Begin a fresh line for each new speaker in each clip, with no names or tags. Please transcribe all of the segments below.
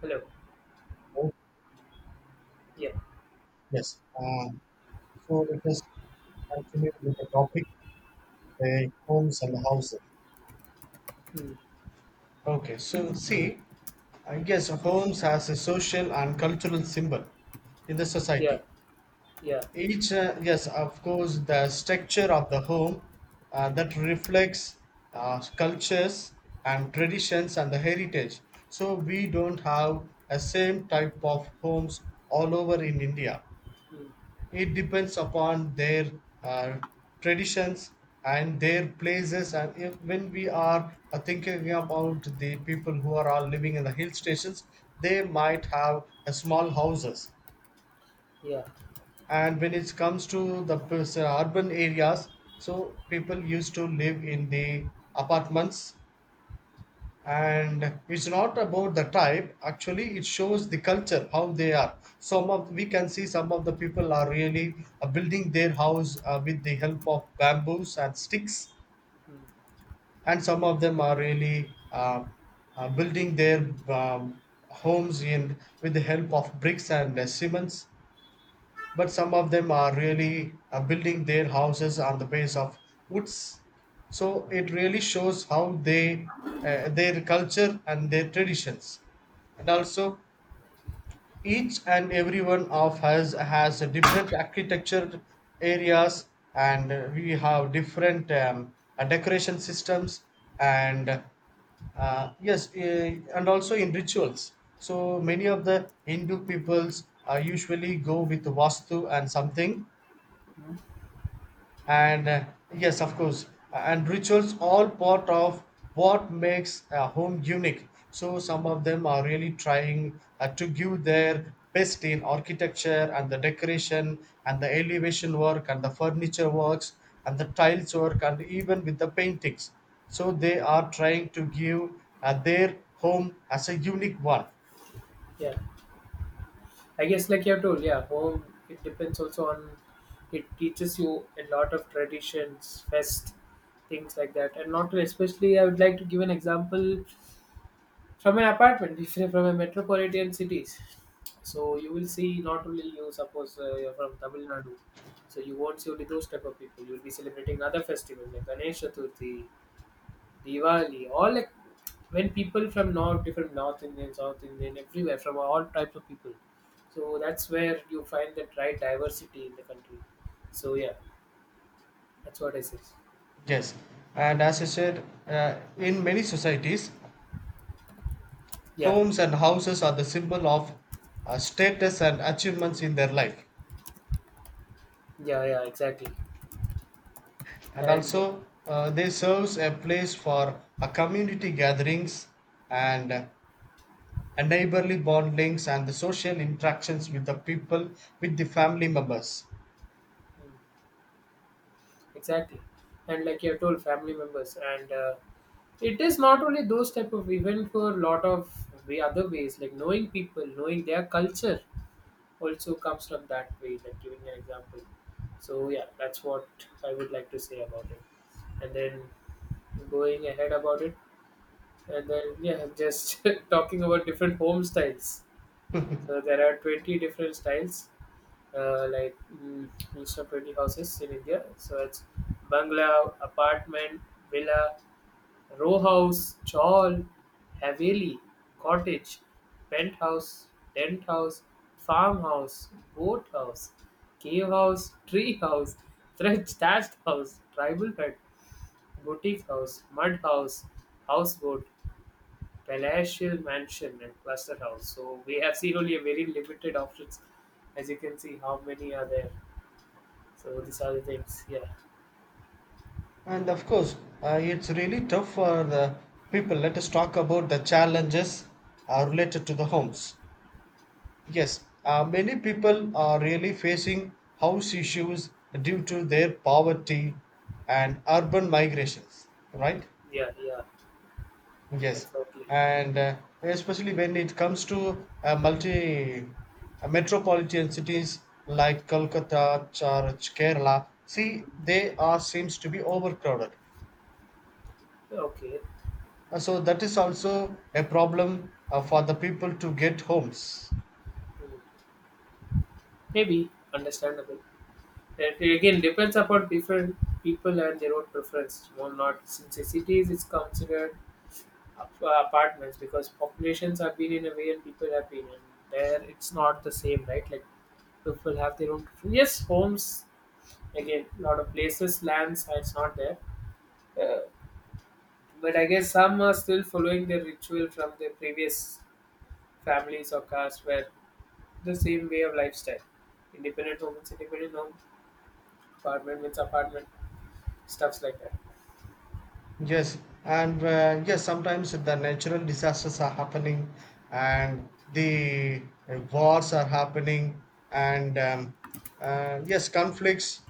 Hello.
Oh,
Yeah.
yes. So let us continue with the topic, the homes and houses.
Hmm.
Okay, so see, I guess homes has a social and cultural symbol in the
Yeah.
society.
Yeah.
Each, yes, of course, the structure of the home that reflects cultures and traditions and the heritage. So we don't have a same type of homes all over in India.
Hmm.
It depends upon their uh, traditions and their places. And if, when we are thinking about the people who are all living in the hill stations, they might have small houses.
Yeah.
And when it comes to the urban areas, so people used to live in the apartments. And it's not about the type, actually it shows the culture how they are. Some of We can see some of the people are really building their house with the help of bamboos and sticks,
Hmm.
and some of them are really building their um, homes in with the help of bricks and cements, but some of them are really building their houses on the base of woods. So it really shows how they, their culture and their traditions. And also, each and every one of us has a different architecture areas, and we have different decoration systems, and uh, yes, uh, and also in rituals. So many of the Hindu peoples usually go with Vastu and something,
Hmm?
and yes, of course, and rituals all part of what makes a home unique. So some of them are really trying to give their best in architecture and the decoration and the elevation work and the furniture works and the tiles work and even with the paintings. So they are trying to give their home as a unique one.
Yeah. I guess like you have told, yeah, home it depends also on it teaches you a lot of traditions, fest, things like that. And not to especially I would like to give an example from an apartment, if you're from a metropolitan cities. So you will see not only you suppose you're from Tamil Nadu. So you won't see only those type of people. You'll be celebrating other festivals like Ganesh Chaturthi, Diwali, all like when people from north, different North Indian, South Indian, everywhere from all types of people. So that's where you find that right diversity in the country. So yeah, that's what I say.
Yes, and as I said, in many societies,
Yeah,
homes and houses are the symbol of status and achievements in their life.
yeah, yeah, exactly.
And
And
also, they serves a place for a community gatherings and a neighborly bondings and the social interactions with the people, with the family members.
mm, exactly, and like you have told, family members, and it is not only those type of event for a lot of way other ways, like knowing people, knowing their culture also comes from that way, like giving an example. So yeah, that's what I would like to say about it. And then going ahead about it, and then yeah, just talking about different home styles. So there are 20 different styles, like most of 20 houses in India. So it's bungalow, apartment, villa, row house, chawl, haveli, cottage, penthouse, tent house, farmhouse, boat house, cave house, tree house, thatched house, tribal hut, boutique house, mud house, houseboat, palatial mansion, and cluster house. So we have seen only a very limited options. As you can see, how many are there? So these are the things. Yeah,
And of course, it's really tough for the people. Let us talk about the challenges related to the homes. Yes, many people are really facing house issues due to their poverty and urban migrations, right?
yeah, yeah,
Yes,
exactly.
and especially when it comes to multi metropolitan cities like Kolkata, Kerala, see, they are seems to be overcrowded.
Okay.
So that is also a problem for the people to get homes.
Mm. Maybe understandable. It again depends upon different people and their own preference. Well, not since the cities it's considered apartments because populations have been in a way and people have been in there. It's not the same, right? Like people have their own preference. Yes, homes again, a lot of places, lands. It's not there, uh, but I guess some are still following their ritual from their previous families or caste, where the same way of lifestyle. Independent home, it's independent home. Apartment means apartment. Stuffs like that.
Yes, and yes, sometimes the natural disasters are happening, and the wars are happening, and yes, conflicts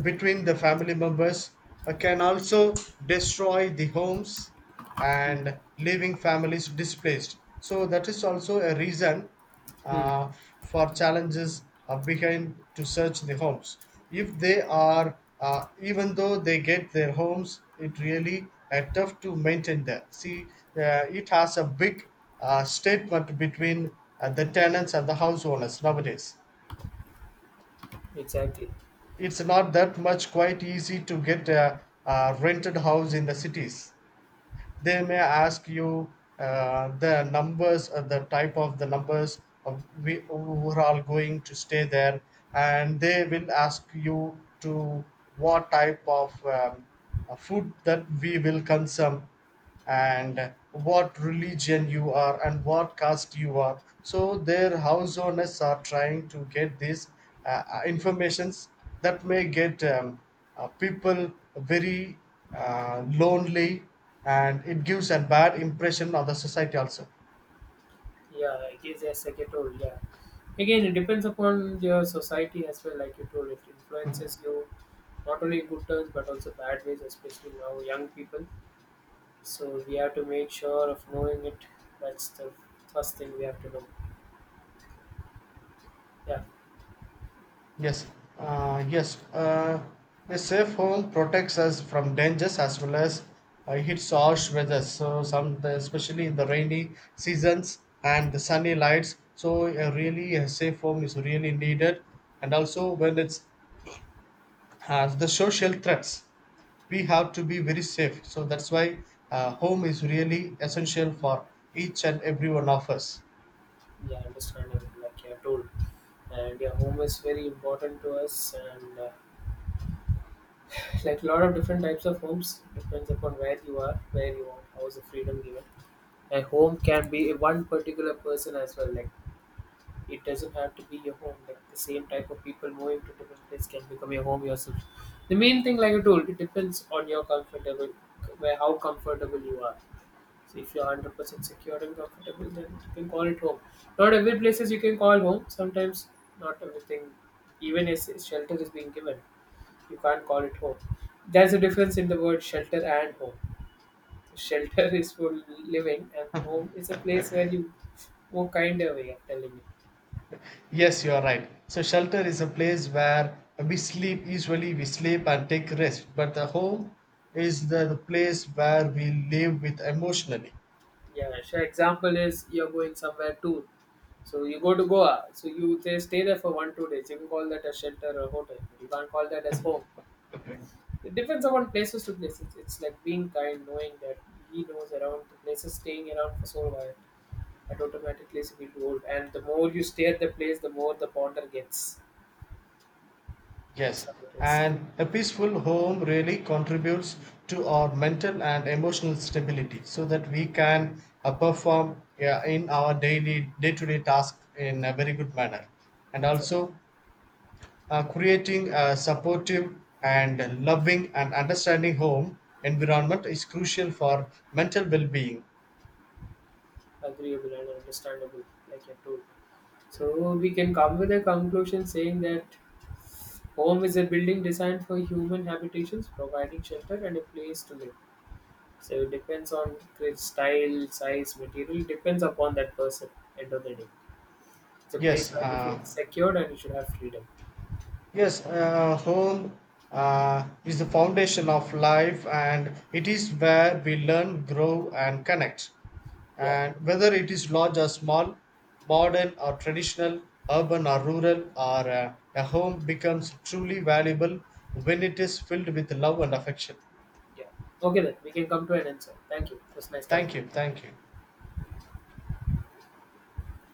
between the family members can also destroy the homes
Hmm.
and leaving families displaced. So that is also a reason
Hmm.
uh, for challenges behind to search the homes. If they are, even though they get their homes, it really tough to maintain that. See, it has a big statement between the tenants and the house owners nowadays.
Exactly.
It's not that much quite easy to get a rented house in the cities. They may ask you the numbers, the type of the numbers of we who are all going to stay there, and they will ask you to what type of food that we will consume, and what religion you are and what caste you are. So their house owners are trying to get these informations that may get people very lonely, and it gives a bad impression of the society also.
Yeah, I guess yes, like you told. Yeah. Again, it depends upon your society as well. Like you told, it influences you not only in good terms but also bad ways, especially now young people. So we have to make sure of knowing it. That's the first thing we have to know. Yeah.
yes uh, yes uh, a safe home protects us from dangers as well as hits harsh weather. So some, especially in the rainy seasons and the sunny lights, so a really a safe home is really needed. And also when it's the social threats, we
Mm.
have to be very safe. So that's why home is really essential for each and every one of us.
Yeah, understandable. Like you have told, and your home is very important to us. And like a lot of different types of homes depends upon where you are, how is the freedom given a home can be one particular person as well like it doesn't have to be your home. Like the same type of people moving to different place can become your home yourself. The main thing, like I told, it depends on your comfortable, where how comfortable you are. So if you're 100% secure and comfortable, then you can call it home. Not every places you can call home. Sometimes not everything, even if shelter is being given, you can't call it home. There's a difference in the word shelter and home. Shelter is for living, and home is a place where you more of way I'm telling you.
Yes, you are right. So shelter is a place where we sleep. Usually we sleep and take rest, but the home is the place where we live with emotionally.
Yeah, so example is you're going somewhere tour. So you go to Goa. So you say stay there for one, 2 days. You can call that a shelter or hotel. You can't call that as home.
Okay.
It depends upon places to places. It's like being kind, knowing that he knows around the places staying around for so while that automatically is will old. And the more you stay at the place, the more the ponder gets.
Yes,
That's how it is.
and a peaceful home really contributes to our mental and emotional stability, so that we can perform, yeah, in our daily day to day task in a very good manner. And
It's
also, creating a supportive and loving and understanding home environment is crucial for mental well-being.
agreeable and understandable, like you told. So we can come with a conclusion saying that home is a building designed for human habitations, providing shelter and a place to live. So it depends on the style, size, material, depends upon that person. End of the day, it's a place
yes
where you
uh,
feel secured and you should have freedom.
yes Home is the foundation of life, and it is where we learn, grow and connect.
Yeah,
And whether it is large or small, modern or traditional, urban or rural, or a home becomes truly valuable when it is filled with love and affection.
yeah. Okay, then we can come to an answer. Thank you. It was nice
Thank
connecting.
you, thank you.